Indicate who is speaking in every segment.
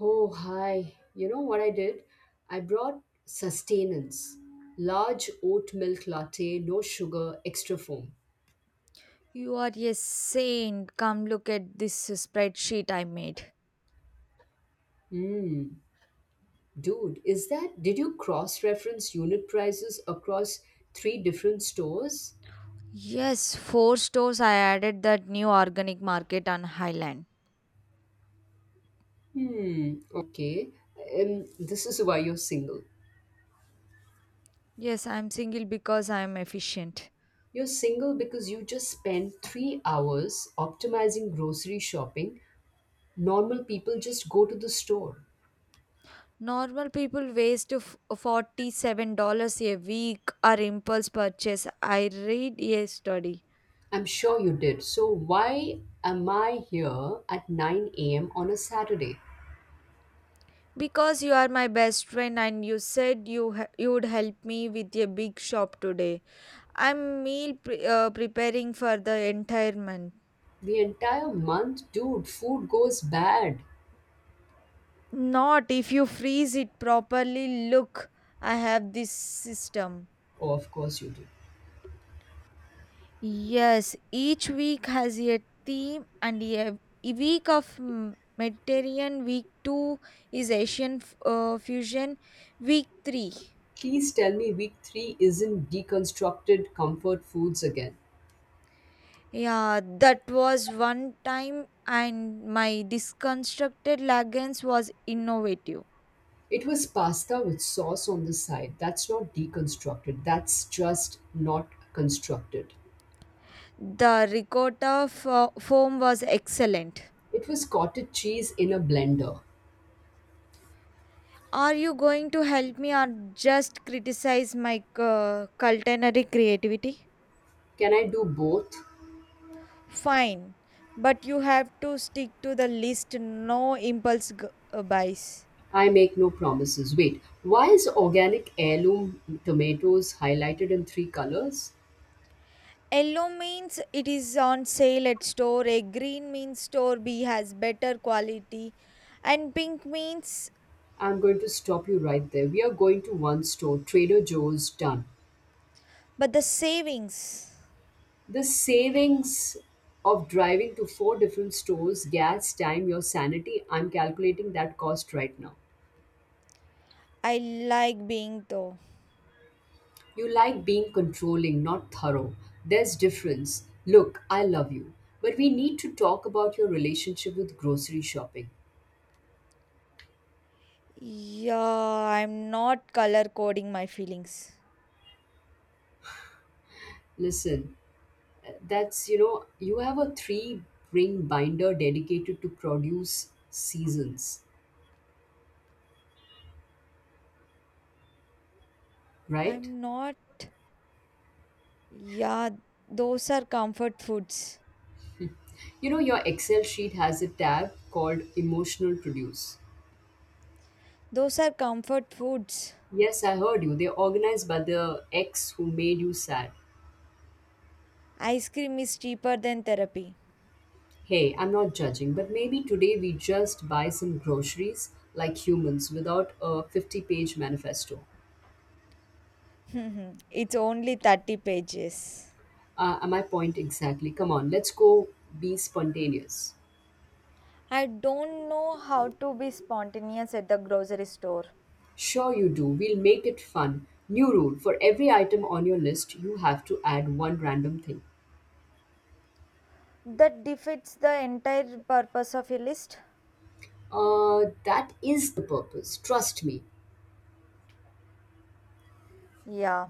Speaker 1: Oh, hi. You know what I did? I brought sustenance. Large oat milk latte, no sugar, extra foam.
Speaker 2: You are a saint. Come look at this spreadsheet I made.
Speaker 1: Mmm. Dude, is that? Did you cross reference unit prices across three different stores?
Speaker 2: Yes, four stores, I added that new organic market on Highland.
Speaker 1: Hmm. Okay. This is why you're single.
Speaker 2: Yes, I'm single because I'm efficient.
Speaker 1: You're single because you just spend 3 hours optimizing grocery shopping. Normal people just go to the store.
Speaker 2: Normal people waste $47 a week or impulse purchase. I read a study.
Speaker 1: I'm sure you did. So, why am I here at 9 a.m. on a Saturday?
Speaker 2: Because you are my best friend and you said you you would help me with a big shop today. I'm preparing for the entire month.
Speaker 1: The entire month, dude, food goes bad.
Speaker 2: Not if you freeze it properly. Look, I have this system.
Speaker 1: Oh, of course you do.
Speaker 2: Yes, each week has a theme and a week of Mediterranean, week 2 is fusion, week 3.
Speaker 1: Please tell me week 3 isn't deconstructed comfort foods again.
Speaker 2: Yeah, that was one time and my disconstructed lagans was innovative.
Speaker 1: It was pasta with sauce on the side. That's not deconstructed, that's just not constructed.
Speaker 2: The foam was excellent.
Speaker 1: It was cottage cheese in a blender.
Speaker 2: Are you going to help me or just criticize my culinary creativity?
Speaker 1: Can I do both?
Speaker 2: Fine, but you have to stick to the list, no buys.
Speaker 1: I make no promises. Wait, why is organic heirloom tomatoes highlighted in three colors?
Speaker 2: Yellow means it is on sale at store A. Green means store B has better quality. And pink means,
Speaker 1: I'm going to stop you right there. We are going to one store, Trader Joe's, done.
Speaker 2: but the savings.
Speaker 1: The savings of driving to four different stores, gas, time, your sanity, I'm calculating that cost right now.
Speaker 2: I like being though.
Speaker 1: You like being controlling, not thorough. There's difference. Look, I love you, but we need to talk about your relationship with grocery shopping.
Speaker 2: Yeah, I'm not color coding my feelings.
Speaker 1: Listen, That's you have a three ring binder dedicated to produce seasons, right?
Speaker 2: I'm not. Yeah, those are comfort foods.
Speaker 1: You know, your Excel sheet has a tab called emotional produce.
Speaker 2: Those are comfort foods.
Speaker 1: Yes, I heard you. They're organized by the ex who made you sad.
Speaker 2: Ice cream is cheaper than therapy.
Speaker 1: Hey, I'm not judging, but maybe today we just buy some groceries like humans without a 50-page manifesto.
Speaker 2: It's only 30 pages.
Speaker 1: My point exactly. Come on, let's go be spontaneous.
Speaker 2: I don't know how to be spontaneous at the grocery store.
Speaker 1: Sure you do. We'll make it fun. New rule, for every item on your list, you have to add one random thing.
Speaker 2: That defeats the entire purpose of a list.
Speaker 1: That is the purpose, trust me.
Speaker 2: Yeah.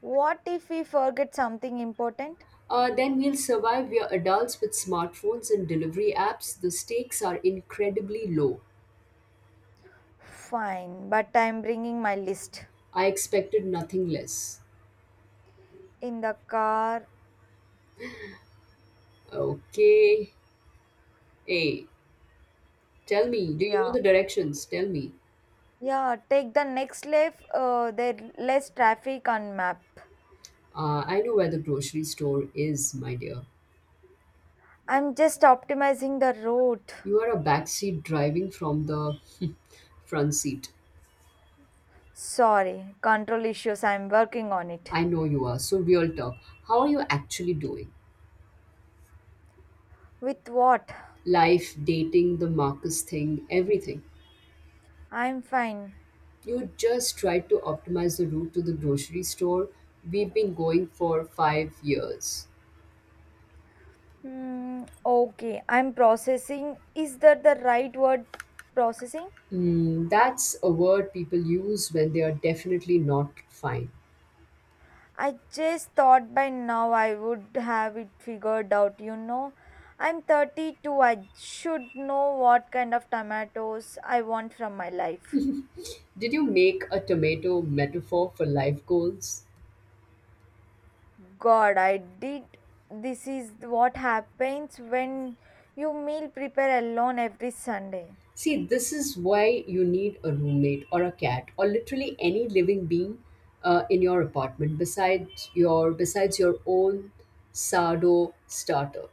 Speaker 2: What if we forget something important?
Speaker 1: Then we'll survive. We are adults with smartphones and delivery apps. The stakes are incredibly low.
Speaker 2: Fine, but I'm bringing my list.
Speaker 1: I expected nothing less.
Speaker 2: In the car,
Speaker 1: Okay. Hey, tell me, do you know
Speaker 2: yeah.
Speaker 1: the directions? Tell me.
Speaker 2: Yeah, take the next left. There less traffic on map.
Speaker 1: I know where the grocery store is, my dear.
Speaker 2: I'm just optimizing the route.
Speaker 1: You are a backseat driving from the front seat.
Speaker 2: Sorry, control issues. I'm working on it.
Speaker 1: I know you are. So, real talk. How are you actually doing?
Speaker 2: With what?
Speaker 1: Life, dating, the Marcus thing, everything.
Speaker 2: I'm fine.
Speaker 1: You just tried to optimize the route to the grocery store. We've been going for 5 years.
Speaker 2: Okay, I'm processing. Is that the right word? Processing?
Speaker 1: Mm, that's a word people use when they are definitely not fine.
Speaker 2: I just thought by now I would have it figured out, you know. I'm 32. I should know what kind of tomatoes I want from my life.
Speaker 1: Did you make a tomato metaphor for life goals?
Speaker 2: God, I did. This is what happens when you meal prepare alone every Sunday.
Speaker 1: See, this is why you need a roommate or a cat or literally any living being in your apartment besides your own sardo starter.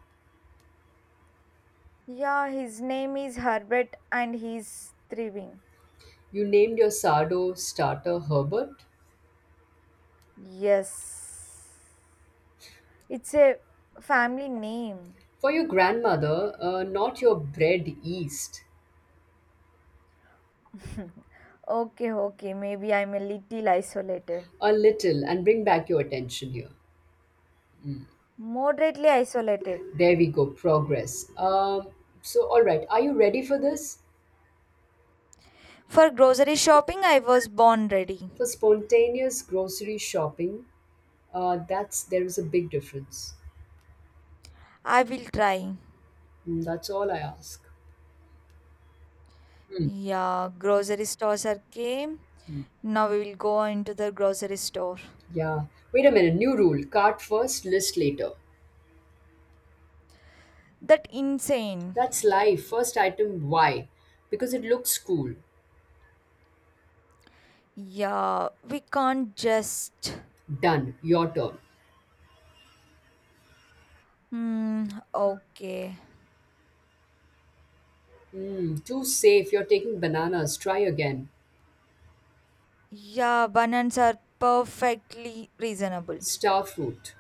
Speaker 2: Yeah, his name is Herbert and he's thriving.
Speaker 1: You named your sardo starter Herbert
Speaker 2: Yes. It's a family name.
Speaker 1: for your grandmother, not your bread yeast.
Speaker 2: Okay, okay. Maybe I'm a little isolated.
Speaker 1: A little and bring back your attention here.
Speaker 2: Moderately isolated.
Speaker 1: There we go, progress. So, all right, are you ready for this?
Speaker 2: For grocery shopping, I was born ready.
Speaker 1: For spontaneous grocery shopping, that's there is a big difference.
Speaker 2: I will try.
Speaker 1: Mm, that's all I ask. Hmm.
Speaker 2: Yeah, grocery stores are came. Now we will go into the grocery store.
Speaker 1: Yeah. Wait a minute. New rule cart first, list later.
Speaker 2: That insane.
Speaker 1: That's life. First item, why? Because it looks cool.
Speaker 2: Yeah, we can't just.
Speaker 1: Done. Your turn.
Speaker 2: Hmm, okay.
Speaker 1: Mm, too safe. You're taking bananas. Try again.
Speaker 2: Yeah, bananas are perfectly reasonable.
Speaker 1: Star fruit.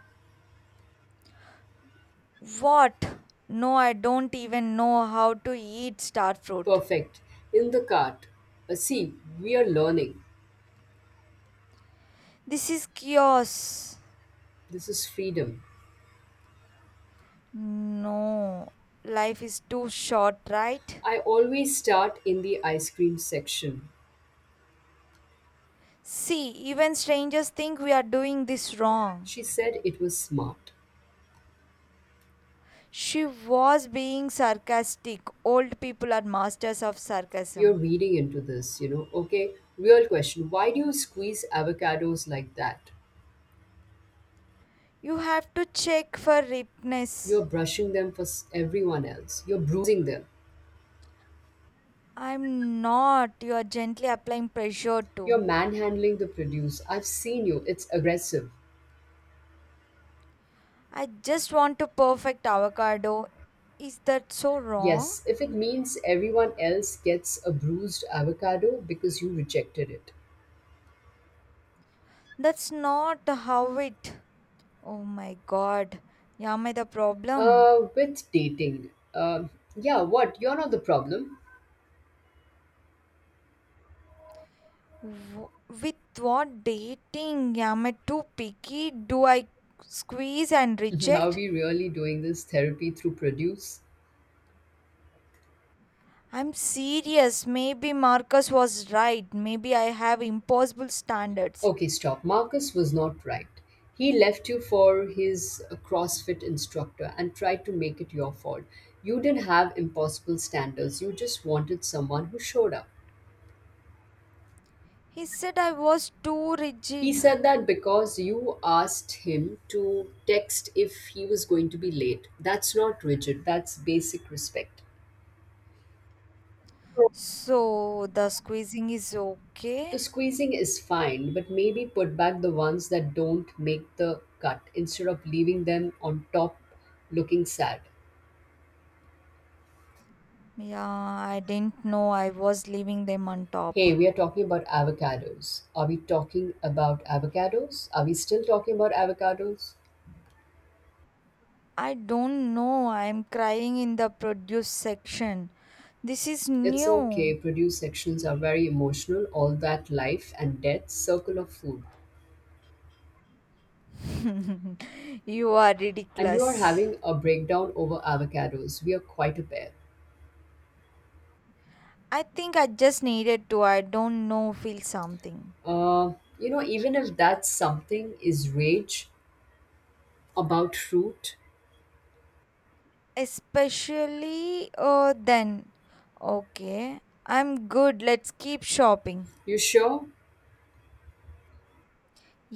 Speaker 2: What? No, I don't even know how to eat star fruit.
Speaker 1: Perfect. In the cart. See, we are learning.
Speaker 2: This is chaos.
Speaker 1: This is freedom.
Speaker 2: No, life is too short, right?
Speaker 1: I always start in the ice cream section.
Speaker 2: See, even strangers think we are doing this wrong.
Speaker 1: She said it was smart.
Speaker 2: She was being sarcastic. Old people are masters of
Speaker 1: You're
Speaker 2: sarcasm.
Speaker 1: reading into this, you know. Okay, real question. Why do you squeeze avocados like that?
Speaker 2: You have to check for ripeness.
Speaker 1: You're brushing them for everyone else. You're bruising them.
Speaker 2: I'm not. You are gently applying pressure
Speaker 1: You're
Speaker 2: too.
Speaker 1: manhandling the produce. I've seen you. It's aggressive.
Speaker 2: I just want to perfect avocado. Is that so wrong?
Speaker 1: Yes, if it means everyone else gets a bruised avocado because you rejected it.
Speaker 2: That's not how it. Oh my god. Am I the problem?
Speaker 1: With dating. Yeah, what? You're not the problem.
Speaker 2: W- with what dating? Am I too picky? Do I squeeze and
Speaker 1: Are
Speaker 2: reject?
Speaker 1: we really doing this therapy through produce?
Speaker 2: I'm serious. Maybe Marcus was right. Maybe I have impossible standards.
Speaker 1: Okay, stop. Marcus was not right. He left you for his CrossFit instructor and tried to make it your fault. You didn't have impossible standards, you just wanted someone who showed up.
Speaker 2: He said I was too
Speaker 1: He
Speaker 2: rigid.
Speaker 1: said that because you asked him to text if he was going to be late. That's not rigid, that's basic respect.
Speaker 2: So the squeezing is okay?
Speaker 1: The squeezing is fine, but maybe put back the ones that don't make the cut instead of leaving them on top looking sad.
Speaker 2: Yeah, I didn't know I was leaving them on top.
Speaker 1: Hey, we are talking about avocados. Are we talking about avocados? Are we still talking about avocados?
Speaker 2: I don't know. I'm crying in the produce section. This is
Speaker 1: It's
Speaker 2: new.
Speaker 1: okay, produce sections are very emotional, all that life and death circle of food.
Speaker 2: You are
Speaker 1: And you are
Speaker 2: ridiculous.
Speaker 1: having a breakdown over avocados. We are quite a pair.
Speaker 2: I think I just needed to, I don't know, feel something.
Speaker 1: Uh, Even if that something is rage about fruit,
Speaker 2: Especially then. Okay, I'm good. Let's keep shopping.
Speaker 1: you sure?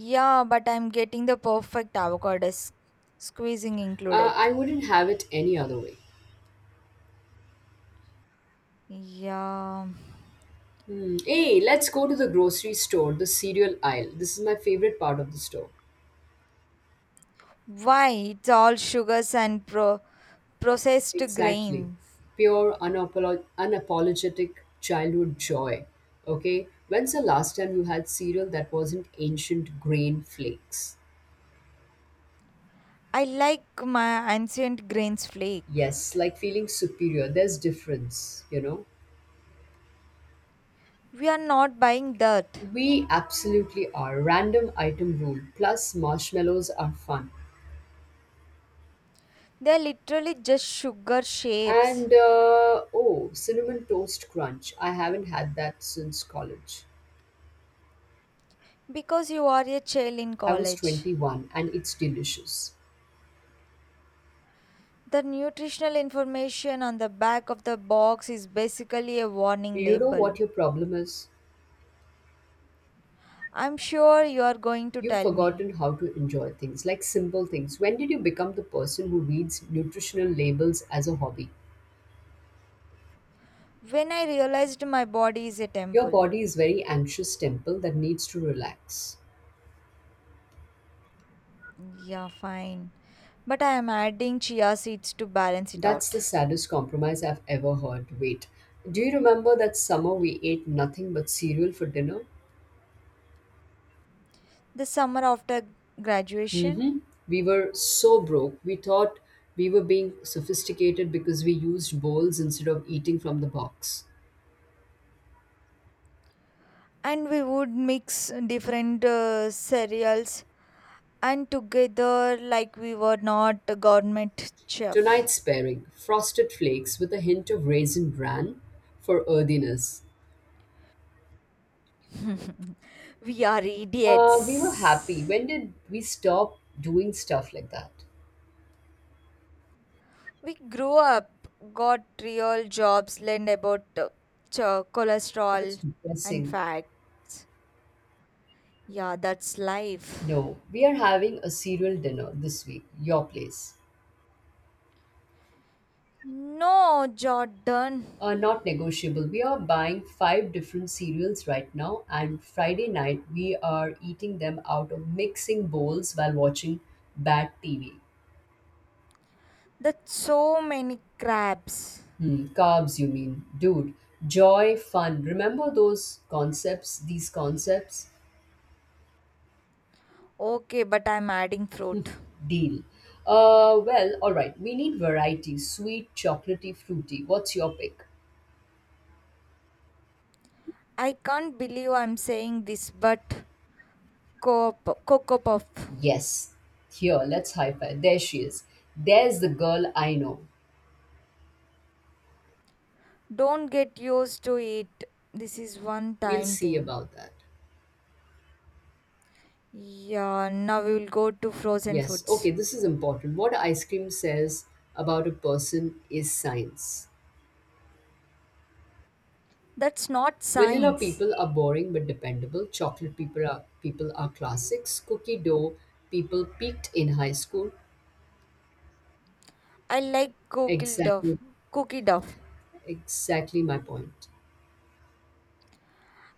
Speaker 2: Yeah, but I'm getting the perfect avocado squeezing included.
Speaker 1: I wouldn't have it any other way.
Speaker 2: Yeah.
Speaker 1: Hmm. Hey, let's go to the grocery store, the cereal aisle. This is my favorite part of the store.
Speaker 2: Why? It's all sugars and processed
Speaker 1: Exactly.
Speaker 2: grains.
Speaker 1: Pure, unapologetic childhood joy. Okay. When's the last time you had cereal that wasn't ancient grain flakes?
Speaker 2: I like my ancient grains flake.
Speaker 1: Yes, like feeling superior. There's difference, you know.
Speaker 2: We are not buying that.
Speaker 1: We absolutely are. Random item rule. Plus, marshmallows are fun.
Speaker 2: They're literally just sugar
Speaker 1: And
Speaker 2: shapes
Speaker 1: oh, cinnamon toast crunch. I haven't had that since college.
Speaker 2: because you are a child in
Speaker 1: I was
Speaker 2: college.
Speaker 1: 21 and it's delicious.
Speaker 2: The nutritional information on the back of the box is basically a warning
Speaker 1: You know
Speaker 2: label.
Speaker 1: what your problem is?
Speaker 2: I'm sure you are going to
Speaker 1: You've
Speaker 2: tell me.
Speaker 1: forgotten how to enjoy things, like simple things. When did you become the person who reads nutritional labels as a hobby?
Speaker 2: When I realized my body is a
Speaker 1: Your
Speaker 2: temple.
Speaker 1: body is very anxious temple that needs to relax.
Speaker 2: Yeah, fine. But I am adding chia seeds to balance it
Speaker 1: That's the
Speaker 2: out.
Speaker 1: saddest compromise I've ever heard. Wait, do you remember that summer we ate nothing but cereal for dinner?
Speaker 2: The summer after graduation,
Speaker 1: Mm-hmm. We were so broke. We thought we were being sophisticated because we used bowls instead of eating from the box.
Speaker 2: and we would mix different cereals and together like we were not a government chef.
Speaker 1: Tonight's pairing frosted flakes with a hint of raisin bran for earthiness.
Speaker 2: We are
Speaker 1: We were happy.
Speaker 2: idiots.
Speaker 1: When did we stop doing stuff like that?
Speaker 2: We grew up, got real jobs, learned about
Speaker 1: That's
Speaker 2: cholesterol and
Speaker 1: depressing.
Speaker 2: facts. Yeah, that's life.
Speaker 1: No, we are having a cereal dinner this week, your place.
Speaker 2: No, Jordan.
Speaker 1: Not negotiable. We are buying five different cereals right now, and Friday night we are eating them out of mixing bowls while watching bad TV.
Speaker 2: That's so many crabs.
Speaker 1: Hmm, carbs, you mean. Dude, joy, fun. Remember those concepts, these concepts?
Speaker 2: Okay, but I'm adding fruit.
Speaker 1: Deal. Well, all right. We need variety. Sweet, chocolatey, fruity. What's your pick?
Speaker 2: I can't believe I'm saying this, but co- Coco Puff.
Speaker 1: Yes. Here, let's high five. There she is. There's the girl I know.
Speaker 2: Don't get used to it. This is one
Speaker 1: We'll
Speaker 2: time
Speaker 1: see
Speaker 2: thing.
Speaker 1: about that.
Speaker 2: Yeah, now we will go to frozen
Speaker 1: Yes.
Speaker 2: foods.
Speaker 1: Okay, this is important. What ice cream says about a person is science.
Speaker 2: That's not
Speaker 1: Vanilla
Speaker 2: science.
Speaker 1: people are boring but dependable. Chocolate people are classics. Cookie dough people peaked in high school.
Speaker 2: I like cookie duff.
Speaker 1: Exactly,
Speaker 2: Cookie duff.
Speaker 1: exactly my point.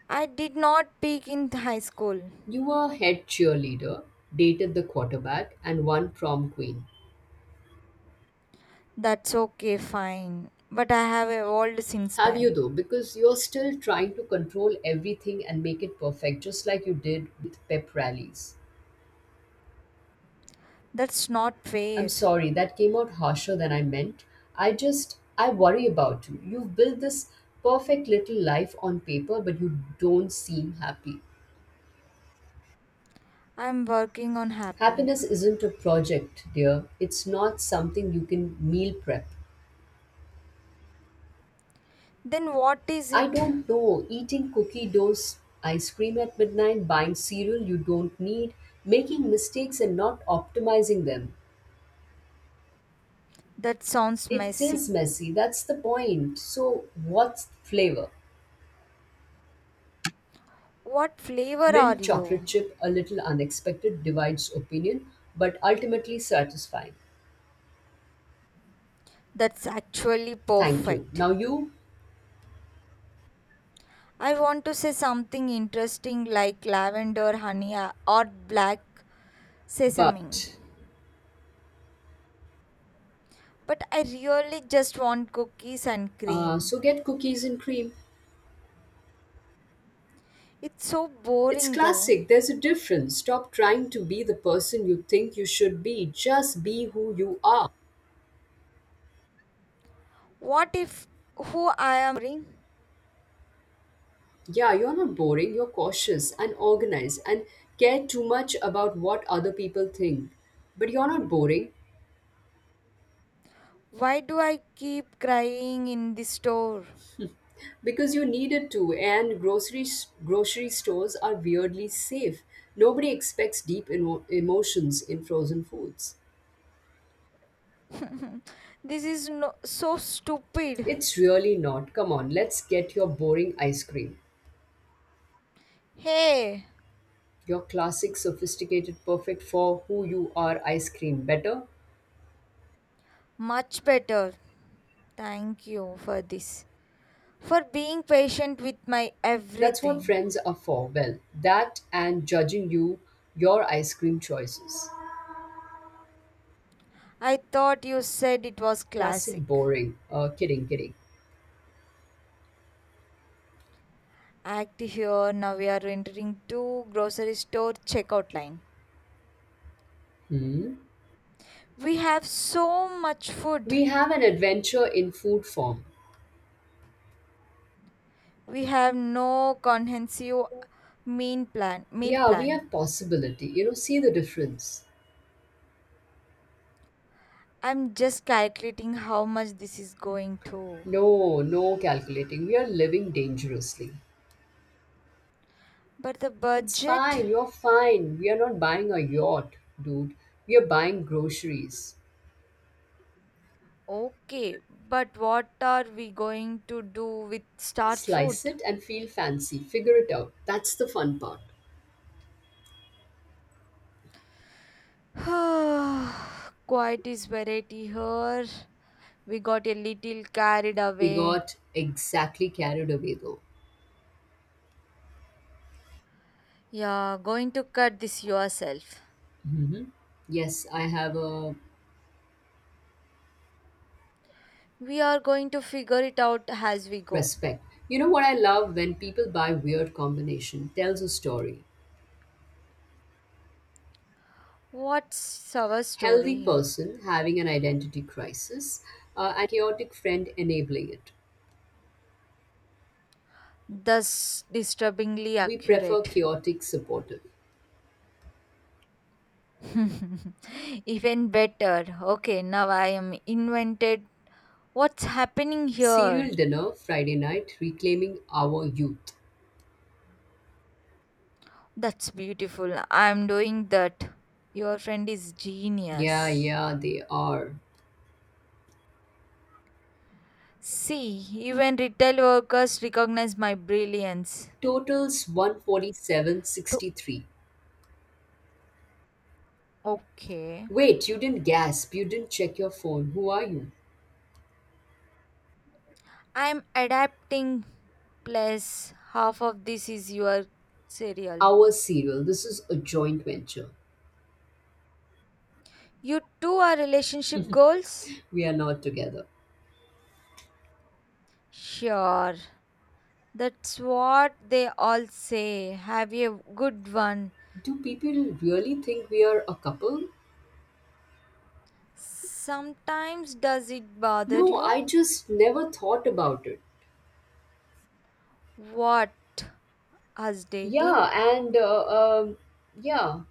Speaker 2: I did not peak in high school.
Speaker 1: You were head cheerleader, dated the quarterback, and one prom queen.
Speaker 2: That's okay, fine. But I have evolved since
Speaker 1: Have you
Speaker 2: then.
Speaker 1: though? Because you're still trying to control everything and make it perfect, just like you did with pep rallies.
Speaker 2: That's not fair.
Speaker 1: I'm sorry, that came out harsher than I meant. I worry about you. You've built this perfect little life on paper, but you don't seem happy.
Speaker 2: I'm working on happy.
Speaker 1: Happiness isn't a project, dear. It's not something you can meal prep.
Speaker 2: Then what is
Speaker 1: I
Speaker 2: it?
Speaker 1: don't know, eating cookie dough, ice cream at midnight, buying cereal you don't need, making mistakes and not optimizing them.
Speaker 2: That sounds
Speaker 1: It
Speaker 2: messy.
Speaker 1: is messy, that's the point. So, what's the flavor?
Speaker 2: What flavor are
Speaker 1: Mint
Speaker 2: you?
Speaker 1: chocolate chip, a little unexpected, divides opinion, but ultimately satisfying.
Speaker 2: That's actually
Speaker 1: Thank you.
Speaker 2: perfect.
Speaker 1: Now you,
Speaker 2: I want to say something interesting like lavender honey, or black sesame.
Speaker 1: but.
Speaker 2: But I really just want cookies and cream.
Speaker 1: So get cookies and cream.
Speaker 2: It's so
Speaker 1: It's
Speaker 2: boring though.
Speaker 1: classic. There's a difference. Stop trying to be the person you think you should be. Just be who you are.
Speaker 2: What if who I am boring?
Speaker 1: Yeah, you're not boring. You're cautious and organized and care too much about what other people think. But you're not boring.
Speaker 2: Why do I keep crying in the store?
Speaker 1: Because you needed to, and grocery stores are weirdly safe. Nobody expects deep emotions in frozen foods.
Speaker 2: This is no, so stupid.
Speaker 1: It's really not. Come on, let's get your boring ice cream,
Speaker 2: Hey,
Speaker 1: your classic sophisticated perfect for who you are ice cream better.
Speaker 2: much better. Thank you for this. For being patient with my
Speaker 1: That's what
Speaker 2: everything.
Speaker 1: friends are for, well, that and judging you, your ice cream choices.
Speaker 2: I thought you said it was
Speaker 1: Classic
Speaker 2: classic.
Speaker 1: boring, kidding, kidding.
Speaker 2: Act here, now we are entering two grocery store checkout line.
Speaker 1: Hmm.
Speaker 2: We have so much
Speaker 1: We
Speaker 2: food.
Speaker 1: have an adventure in food form.
Speaker 2: We have no comprehensive meal plan. Meal
Speaker 1: Yeah, we
Speaker 2: plan.
Speaker 1: have possibility. You know, see the difference.
Speaker 2: I'm just calculating how much this is going to.
Speaker 1: No, no calculating. We are living dangerously.
Speaker 2: But the
Speaker 1: It's
Speaker 2: budget,
Speaker 1: fine. You're fine. We are not buying a yacht, dude. We are buying groceries.
Speaker 2: okay. But what are we going to do with star
Speaker 1: Slice
Speaker 2: fruit?
Speaker 1: it and feel fancy. Figure it out. That's the fun part.
Speaker 2: Quite is variety here. We got a little carried
Speaker 1: We
Speaker 2: away.
Speaker 1: got exactly carried away though.
Speaker 2: Yeah, going to cut this yourself.
Speaker 1: Hmm. Yes, I have a
Speaker 2: We are going to figure it out as we go.
Speaker 1: respect. You know what I love when people buy weird combination. Tells a story.
Speaker 2: What's our
Speaker 1: Healthy
Speaker 2: story?
Speaker 1: person having an identity crisis, and chaotic friend enabling it.
Speaker 2: Thus disturbingly
Speaker 1: We prefer
Speaker 2: accurate.
Speaker 1: chaotic supportive.
Speaker 2: Even better. Okay, now I am invented. What's happening
Speaker 1: Serial
Speaker 2: here?
Speaker 1: dinner Friday night reclaiming our youth.
Speaker 2: That's beautiful. I'm doing that. Your friend is
Speaker 1: Yeah,
Speaker 2: genius.
Speaker 1: yeah, they are.
Speaker 2: See, even retail workers recognize my brilliance.
Speaker 1: Totals
Speaker 2: To-
Speaker 1: 147.63.
Speaker 2: okay.
Speaker 1: Wait, you didn't gasp. You didn't check your phone. Who are you?
Speaker 2: I'm adapting. Plus, half of this is your cereal.
Speaker 1: Our serial. This is a joint venture.
Speaker 2: You too are relationship goals?
Speaker 1: We are not together.
Speaker 2: Sure. That's what they all say. Have a good one.
Speaker 1: Do people really think we are a couple?
Speaker 2: Sometimes does it bother
Speaker 1: No,
Speaker 2: you?
Speaker 1: I just never thought about it.
Speaker 2: What? Us dating?
Speaker 1: Yeah, and um, yeah,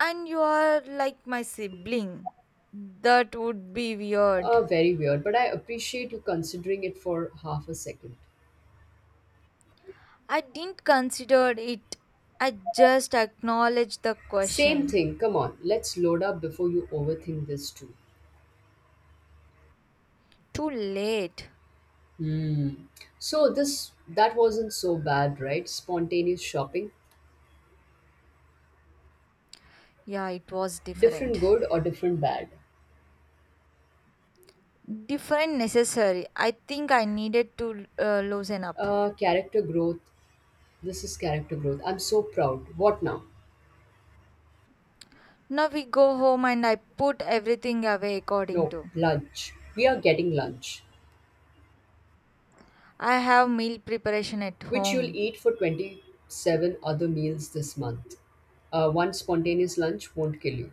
Speaker 2: And you are like my sibling. That would be weird.
Speaker 1: very weird, but I appreciate you considering it for half a second.
Speaker 2: I didn't consider it. I just acknowledged the
Speaker 1: Same
Speaker 2: question.
Speaker 1: thing, come on, let's load up before you overthink this too.
Speaker 2: Too late.
Speaker 1: Hmm. So this that wasn't so bad, right? Spontaneous shopping,
Speaker 2: Yeah, it was different.
Speaker 1: different good or different bad.
Speaker 2: Different necessary, I think I needed to loosen up.
Speaker 1: Character growth. This is character growth. I'm so proud. What now?
Speaker 2: Now we go home and I put everything away according
Speaker 1: No,
Speaker 2: to.
Speaker 1: lunch. We are getting lunch.
Speaker 2: I have meal preparation at
Speaker 1: Which you'll
Speaker 2: home,
Speaker 1: eat for 27 other meals this month. One spontaneous lunch won't kill you.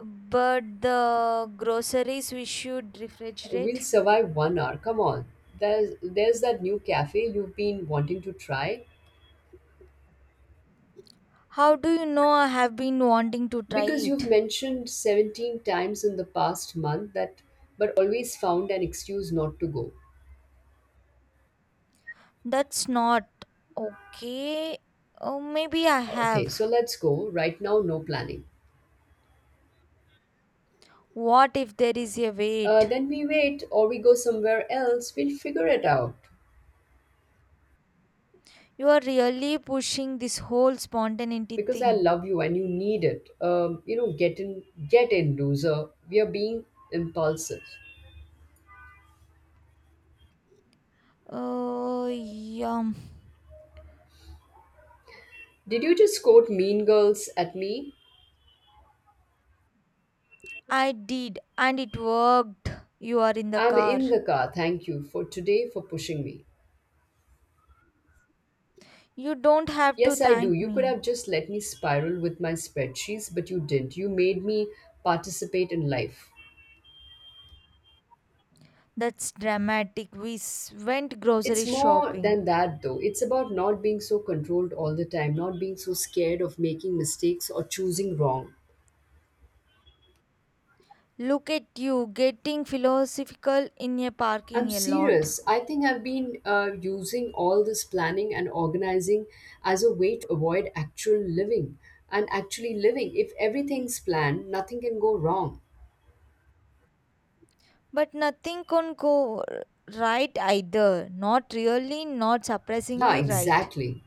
Speaker 2: but the groceries we should
Speaker 1: We'll
Speaker 2: refrigerate.
Speaker 1: survive 1 hour. Come on. There's that new cafe you've been wanting to try
Speaker 2: How do you know I have been wanting to try
Speaker 1: because you've
Speaker 2: it?
Speaker 1: mentioned 17 times in the past month that, but always found an excuse not to go.
Speaker 2: That's not okay. Oh, maybe I
Speaker 1: Okay, so
Speaker 2: have.
Speaker 1: let's go. Right now, no planning.
Speaker 2: What if there is a wait?
Speaker 1: Then we wait or we go somewhere else. We'll figure it out.
Speaker 2: You are really pushing this whole spontaneity
Speaker 1: Because I
Speaker 2: thing.
Speaker 1: love you and you need it. Get in, get in, loser. We are being impulsive.
Speaker 2: Oh, yeah.
Speaker 1: Did you just quote Mean Girls at me?
Speaker 2: I did, and it worked. You are in the
Speaker 1: I'm
Speaker 2: car.
Speaker 1: in the car. Thank you for today for pushing me.
Speaker 2: You don't have to
Speaker 1: Yes, I do.
Speaker 2: thank
Speaker 1: You could
Speaker 2: me.
Speaker 1: have just let me spiral with my spreadsheets, but you didn't. You made me participate in life.
Speaker 2: That's dramatic. We went grocery
Speaker 1: It's more
Speaker 2: shopping.
Speaker 1: than that, though. It's about not being so controlled all the time, not being so scared of making mistakes or choosing wrong.
Speaker 2: Look at you getting philosophical in a
Speaker 1: I'm
Speaker 2: parking a lot.
Speaker 1: serious. I think I've been using all this planning and organizing as a way to avoid actual living and actually living. If everything's planned, nothing can go wrong.
Speaker 2: But nothing can go right either. Not really, not
Speaker 1: Yeah,
Speaker 2: surprisingly right.
Speaker 1: exactly.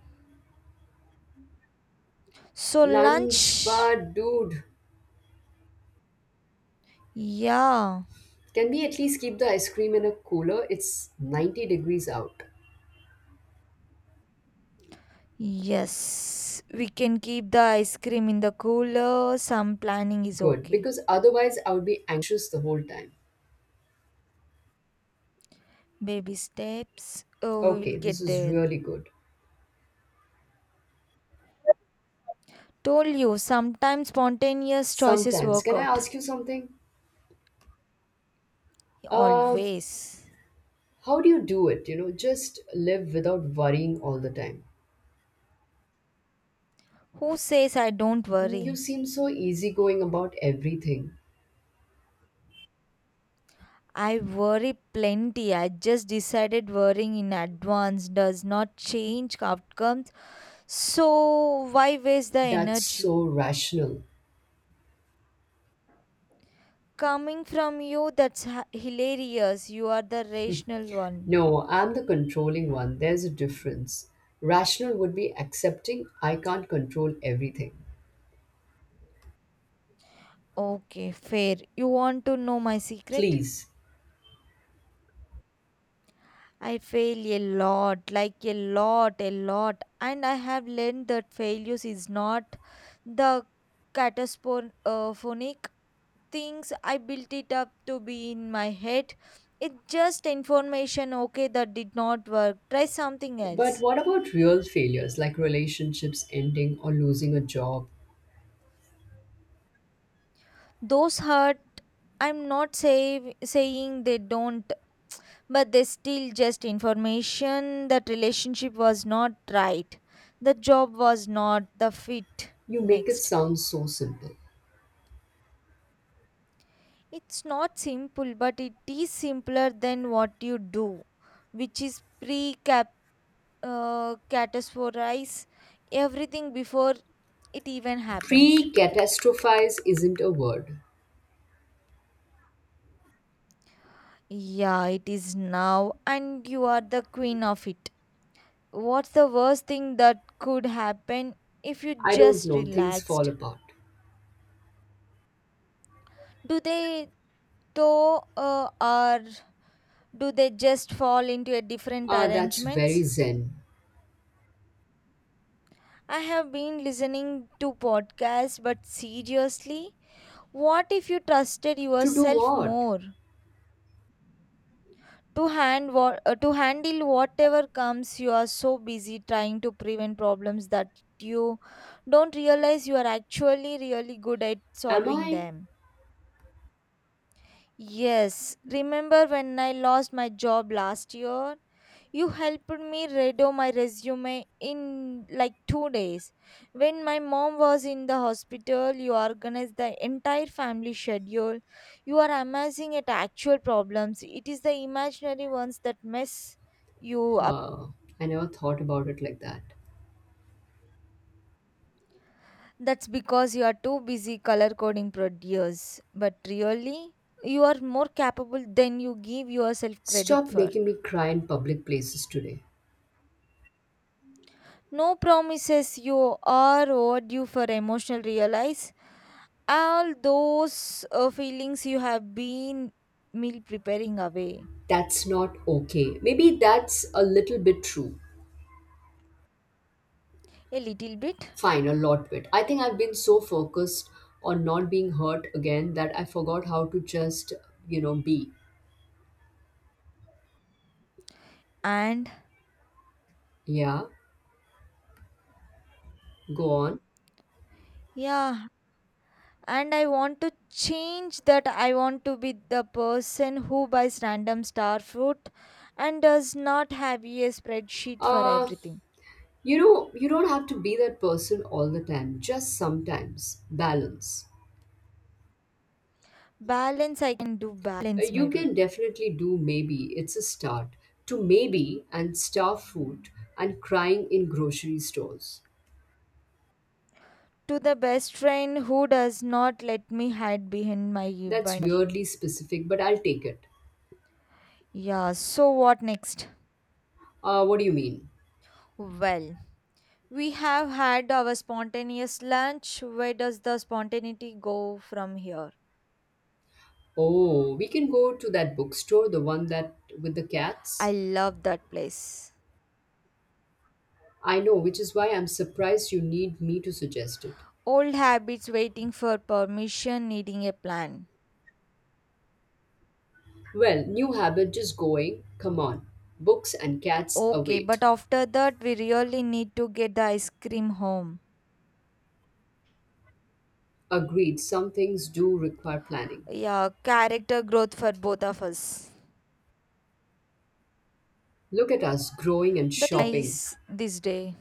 Speaker 2: So,
Speaker 1: Lunch,
Speaker 2: lunch.
Speaker 1: but dude,
Speaker 2: Yeah.
Speaker 1: can we at least keep the ice cream in a cooler? It's 90 degrees out.
Speaker 2: Yes, we can keep the ice cream in the cooler. Some planning is
Speaker 1: Good,
Speaker 2: okay.
Speaker 1: because otherwise I would be anxious the whole time.
Speaker 2: Baby steps. Oh, we will
Speaker 1: Okay, this
Speaker 2: get
Speaker 1: is
Speaker 2: there.
Speaker 1: really good.
Speaker 2: Told you, sometimes spontaneous choices
Speaker 1: Sometimes,
Speaker 2: work
Speaker 1: can I
Speaker 2: out.
Speaker 1: ask you something? Uh,
Speaker 2: Always.
Speaker 1: How do you do it? You know, just live without worrying all the time.
Speaker 2: Who says I don't
Speaker 1: Mm, you
Speaker 2: worry?
Speaker 1: seem so easygoing about everything.
Speaker 2: I worry plenty. I just decided worrying in advance does not change outcomes. So, why waste the
Speaker 1: That's
Speaker 2: energy?
Speaker 1: so rational.
Speaker 2: Coming from you, that's hilarious. You are the rational one.
Speaker 1: No, I'm the controlling one. There's a difference. Rational would be accepting I can't control everything.
Speaker 2: Okay, fair. You want to know my secret?
Speaker 1: Please.
Speaker 2: I fail a lot, like a lot, a lot. And I have learned that failures is not the catastrophic things I built it up to be in my head. It's just information, okay, that did not work. Try something
Speaker 1: But
Speaker 2: else.
Speaker 1: what about real failures like relationships ending or losing a job?
Speaker 2: Those hurt, I'm not saying they don't. But they still just information, that relationship was not right, the job was not the fit
Speaker 1: You make it
Speaker 2: next.
Speaker 1: sound so simple.
Speaker 2: It's not simple, but it is simpler than what you do, which is pre cap categorize everything before it even happens.
Speaker 1: Pre catastrophize isn't a word.
Speaker 2: Yeah, it is now, and you are the queen of it. What's the worst thing that could happen if you
Speaker 1: I don't
Speaker 2: just
Speaker 1: know, things fall
Speaker 2: relaxed?
Speaker 1: apart.
Speaker 2: Do they though, or do they just fall into a different
Speaker 1: Ah, that's very
Speaker 2: arrangements?
Speaker 1: zen.
Speaker 2: I have been listening to podcasts, but seriously, what if you trusted
Speaker 1: To do
Speaker 2: yourself
Speaker 1: what?
Speaker 2: more to hand what to handle whatever comes? You are so busy trying to prevent problems that you don't realize you are actually really good at
Speaker 1: Am
Speaker 2: solving
Speaker 1: I?
Speaker 2: them. Yes, remember when I lost my job last year. You helped me redo my resume in like 2 days. When my mom was in the hospital, you organized the entire family schedule. You are amazing at actual problems. It is the imaginary ones that mess you up.
Speaker 1: Uh, I never thought about it like that.
Speaker 2: That's because you are too busy color coding produce. But really, you are more capable than you give yourself credit
Speaker 1: Stop
Speaker 2: for.
Speaker 1: making me cry in public places today.
Speaker 2: No promises, you are overdue for emotional realize, all those feelings you have been meal preparing away.
Speaker 1: That's not okay. Maybe that's a little bit true.
Speaker 2: A little bit,
Speaker 1: Fine, a lot bit. I think I've been so focused on not being hurt again that I forgot how to just, you know, be.
Speaker 2: and
Speaker 1: Yeah, go on.
Speaker 2: yeah, and I want to change that. I want to be the person who buys random star fruit and does not have a spreadsheet for
Speaker 1: Uh,
Speaker 2: everything.
Speaker 1: you don't have to be that person all the time, just sometimes. Balance.
Speaker 2: Balance, I can do balance,
Speaker 1: You
Speaker 2: maybe,
Speaker 1: can definitely do maybe, it's a start, to maybe and star food and crying in grocery stores.
Speaker 2: to the best friend who does not let me hide behind my
Speaker 1: That's
Speaker 2: binder.
Speaker 1: weirdly specific, but I'll take it.
Speaker 2: Yeah, so what next?
Speaker 1: What do you mean?
Speaker 2: Well, we have had our spontaneous lunch. Where does the spontaneity go from here?
Speaker 1: Oh, we can go to that bookstore, the one that with the
Speaker 2: I
Speaker 1: cats.
Speaker 2: love that place.
Speaker 1: I know, which is why I'm surprised you need me to suggest it.
Speaker 2: Old habits waiting for permission, needing a plan.
Speaker 1: Well, new habit just going. Come on. Books and cats
Speaker 2: Okay,
Speaker 1: await.
Speaker 2: but after that, we really need to get the ice cream home.
Speaker 1: Agreed, some things do require planning.
Speaker 2: Yeah, character growth for both of us.
Speaker 1: Look at us growing and
Speaker 2: That is
Speaker 1: shopping.
Speaker 2: nice this day.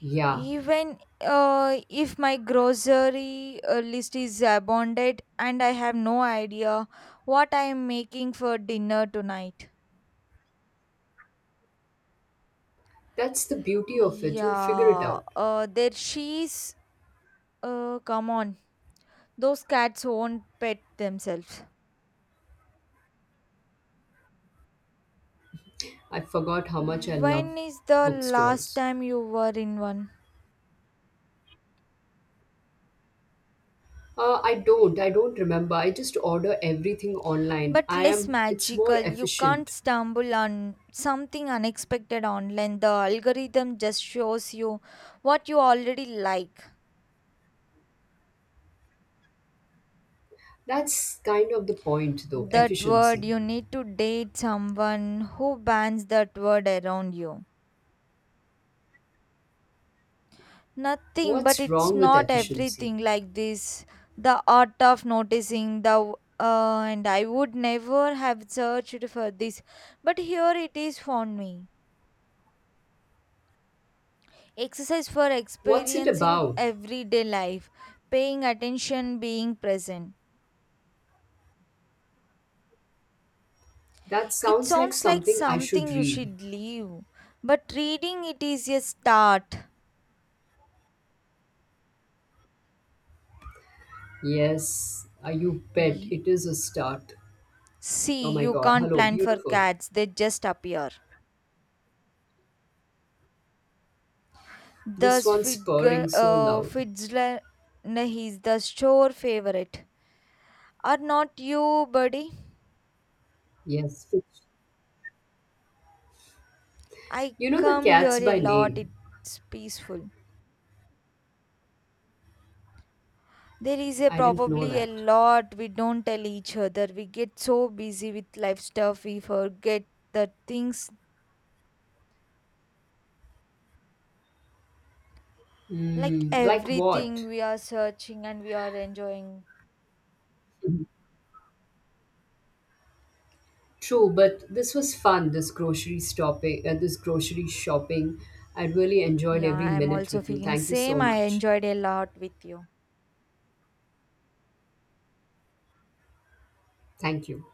Speaker 1: Yeah,
Speaker 2: Even if my grocery list is abundant and I have no idea what I am making for dinner tonight.
Speaker 1: that's the beauty of it. You'll figure it
Speaker 2: Yeah,
Speaker 1: out.
Speaker 2: their she's come on. Those cats won't pet themselves.
Speaker 1: I forgot how much I love
Speaker 2: When is the last
Speaker 1: bookstores.
Speaker 2: time you were in one?
Speaker 1: I don't. I don't remember. I just order everything online.
Speaker 2: But
Speaker 1: I
Speaker 2: less
Speaker 1: am. It's more
Speaker 2: magical. You can't
Speaker 1: efficient.
Speaker 2: stumble on something unexpected online. The algorithm just shows you what you already like.
Speaker 1: That's kind of the point, though.
Speaker 2: That word,
Speaker 1: Efficiency.
Speaker 2: you need to date someone who bans that word around you. Nothing, but
Speaker 1: What's
Speaker 2: it's
Speaker 1: wrong with
Speaker 2: not
Speaker 1: efficiency?
Speaker 2: everything like this. The art of noticing and I would never have searched for this, but here it is for me. Exercise for
Speaker 1: What's it
Speaker 2: experiencing
Speaker 1: about?
Speaker 2: everyday life, paying attention, being present.
Speaker 1: That
Speaker 2: It
Speaker 1: sounds like
Speaker 2: sounds like
Speaker 1: something I
Speaker 2: something
Speaker 1: should
Speaker 2: you
Speaker 1: read.
Speaker 2: should leave, but reading it is a start.
Speaker 1: Yes, you bet.
Speaker 2: Ye-
Speaker 1: It is a start. Oh
Speaker 2: See,
Speaker 1: my
Speaker 2: you
Speaker 1: God.
Speaker 2: can't
Speaker 1: Hello,
Speaker 2: plan for
Speaker 1: beautiful.
Speaker 2: cats, they just appear.
Speaker 1: This
Speaker 2: Thus,
Speaker 1: one's purring so loud.
Speaker 2: Fitzgerald is the sure favorite. Are not you, buddy?
Speaker 1: Yes, fiction.
Speaker 2: I
Speaker 1: You know the
Speaker 2: come here
Speaker 1: cats
Speaker 2: a
Speaker 1: by
Speaker 2: lot.
Speaker 1: name.
Speaker 2: It's peaceful. There is a
Speaker 1: I didn't know
Speaker 2: probably a
Speaker 1: that.
Speaker 2: lot we don't tell each other. We get so busy with life stuff, we forget the things like
Speaker 1: Mm, like
Speaker 2: everything
Speaker 1: what?
Speaker 2: we are searching and we are enjoying.
Speaker 1: True, but this was fun. This grocery this grocery shopping. I really enjoyed
Speaker 2: Yeah,
Speaker 1: every
Speaker 2: I'm
Speaker 1: minute
Speaker 2: also
Speaker 1: with you.
Speaker 2: feeling
Speaker 1: Thank you so
Speaker 2: same. I
Speaker 1: much.
Speaker 2: enjoyed a lot with you.
Speaker 1: Thank you.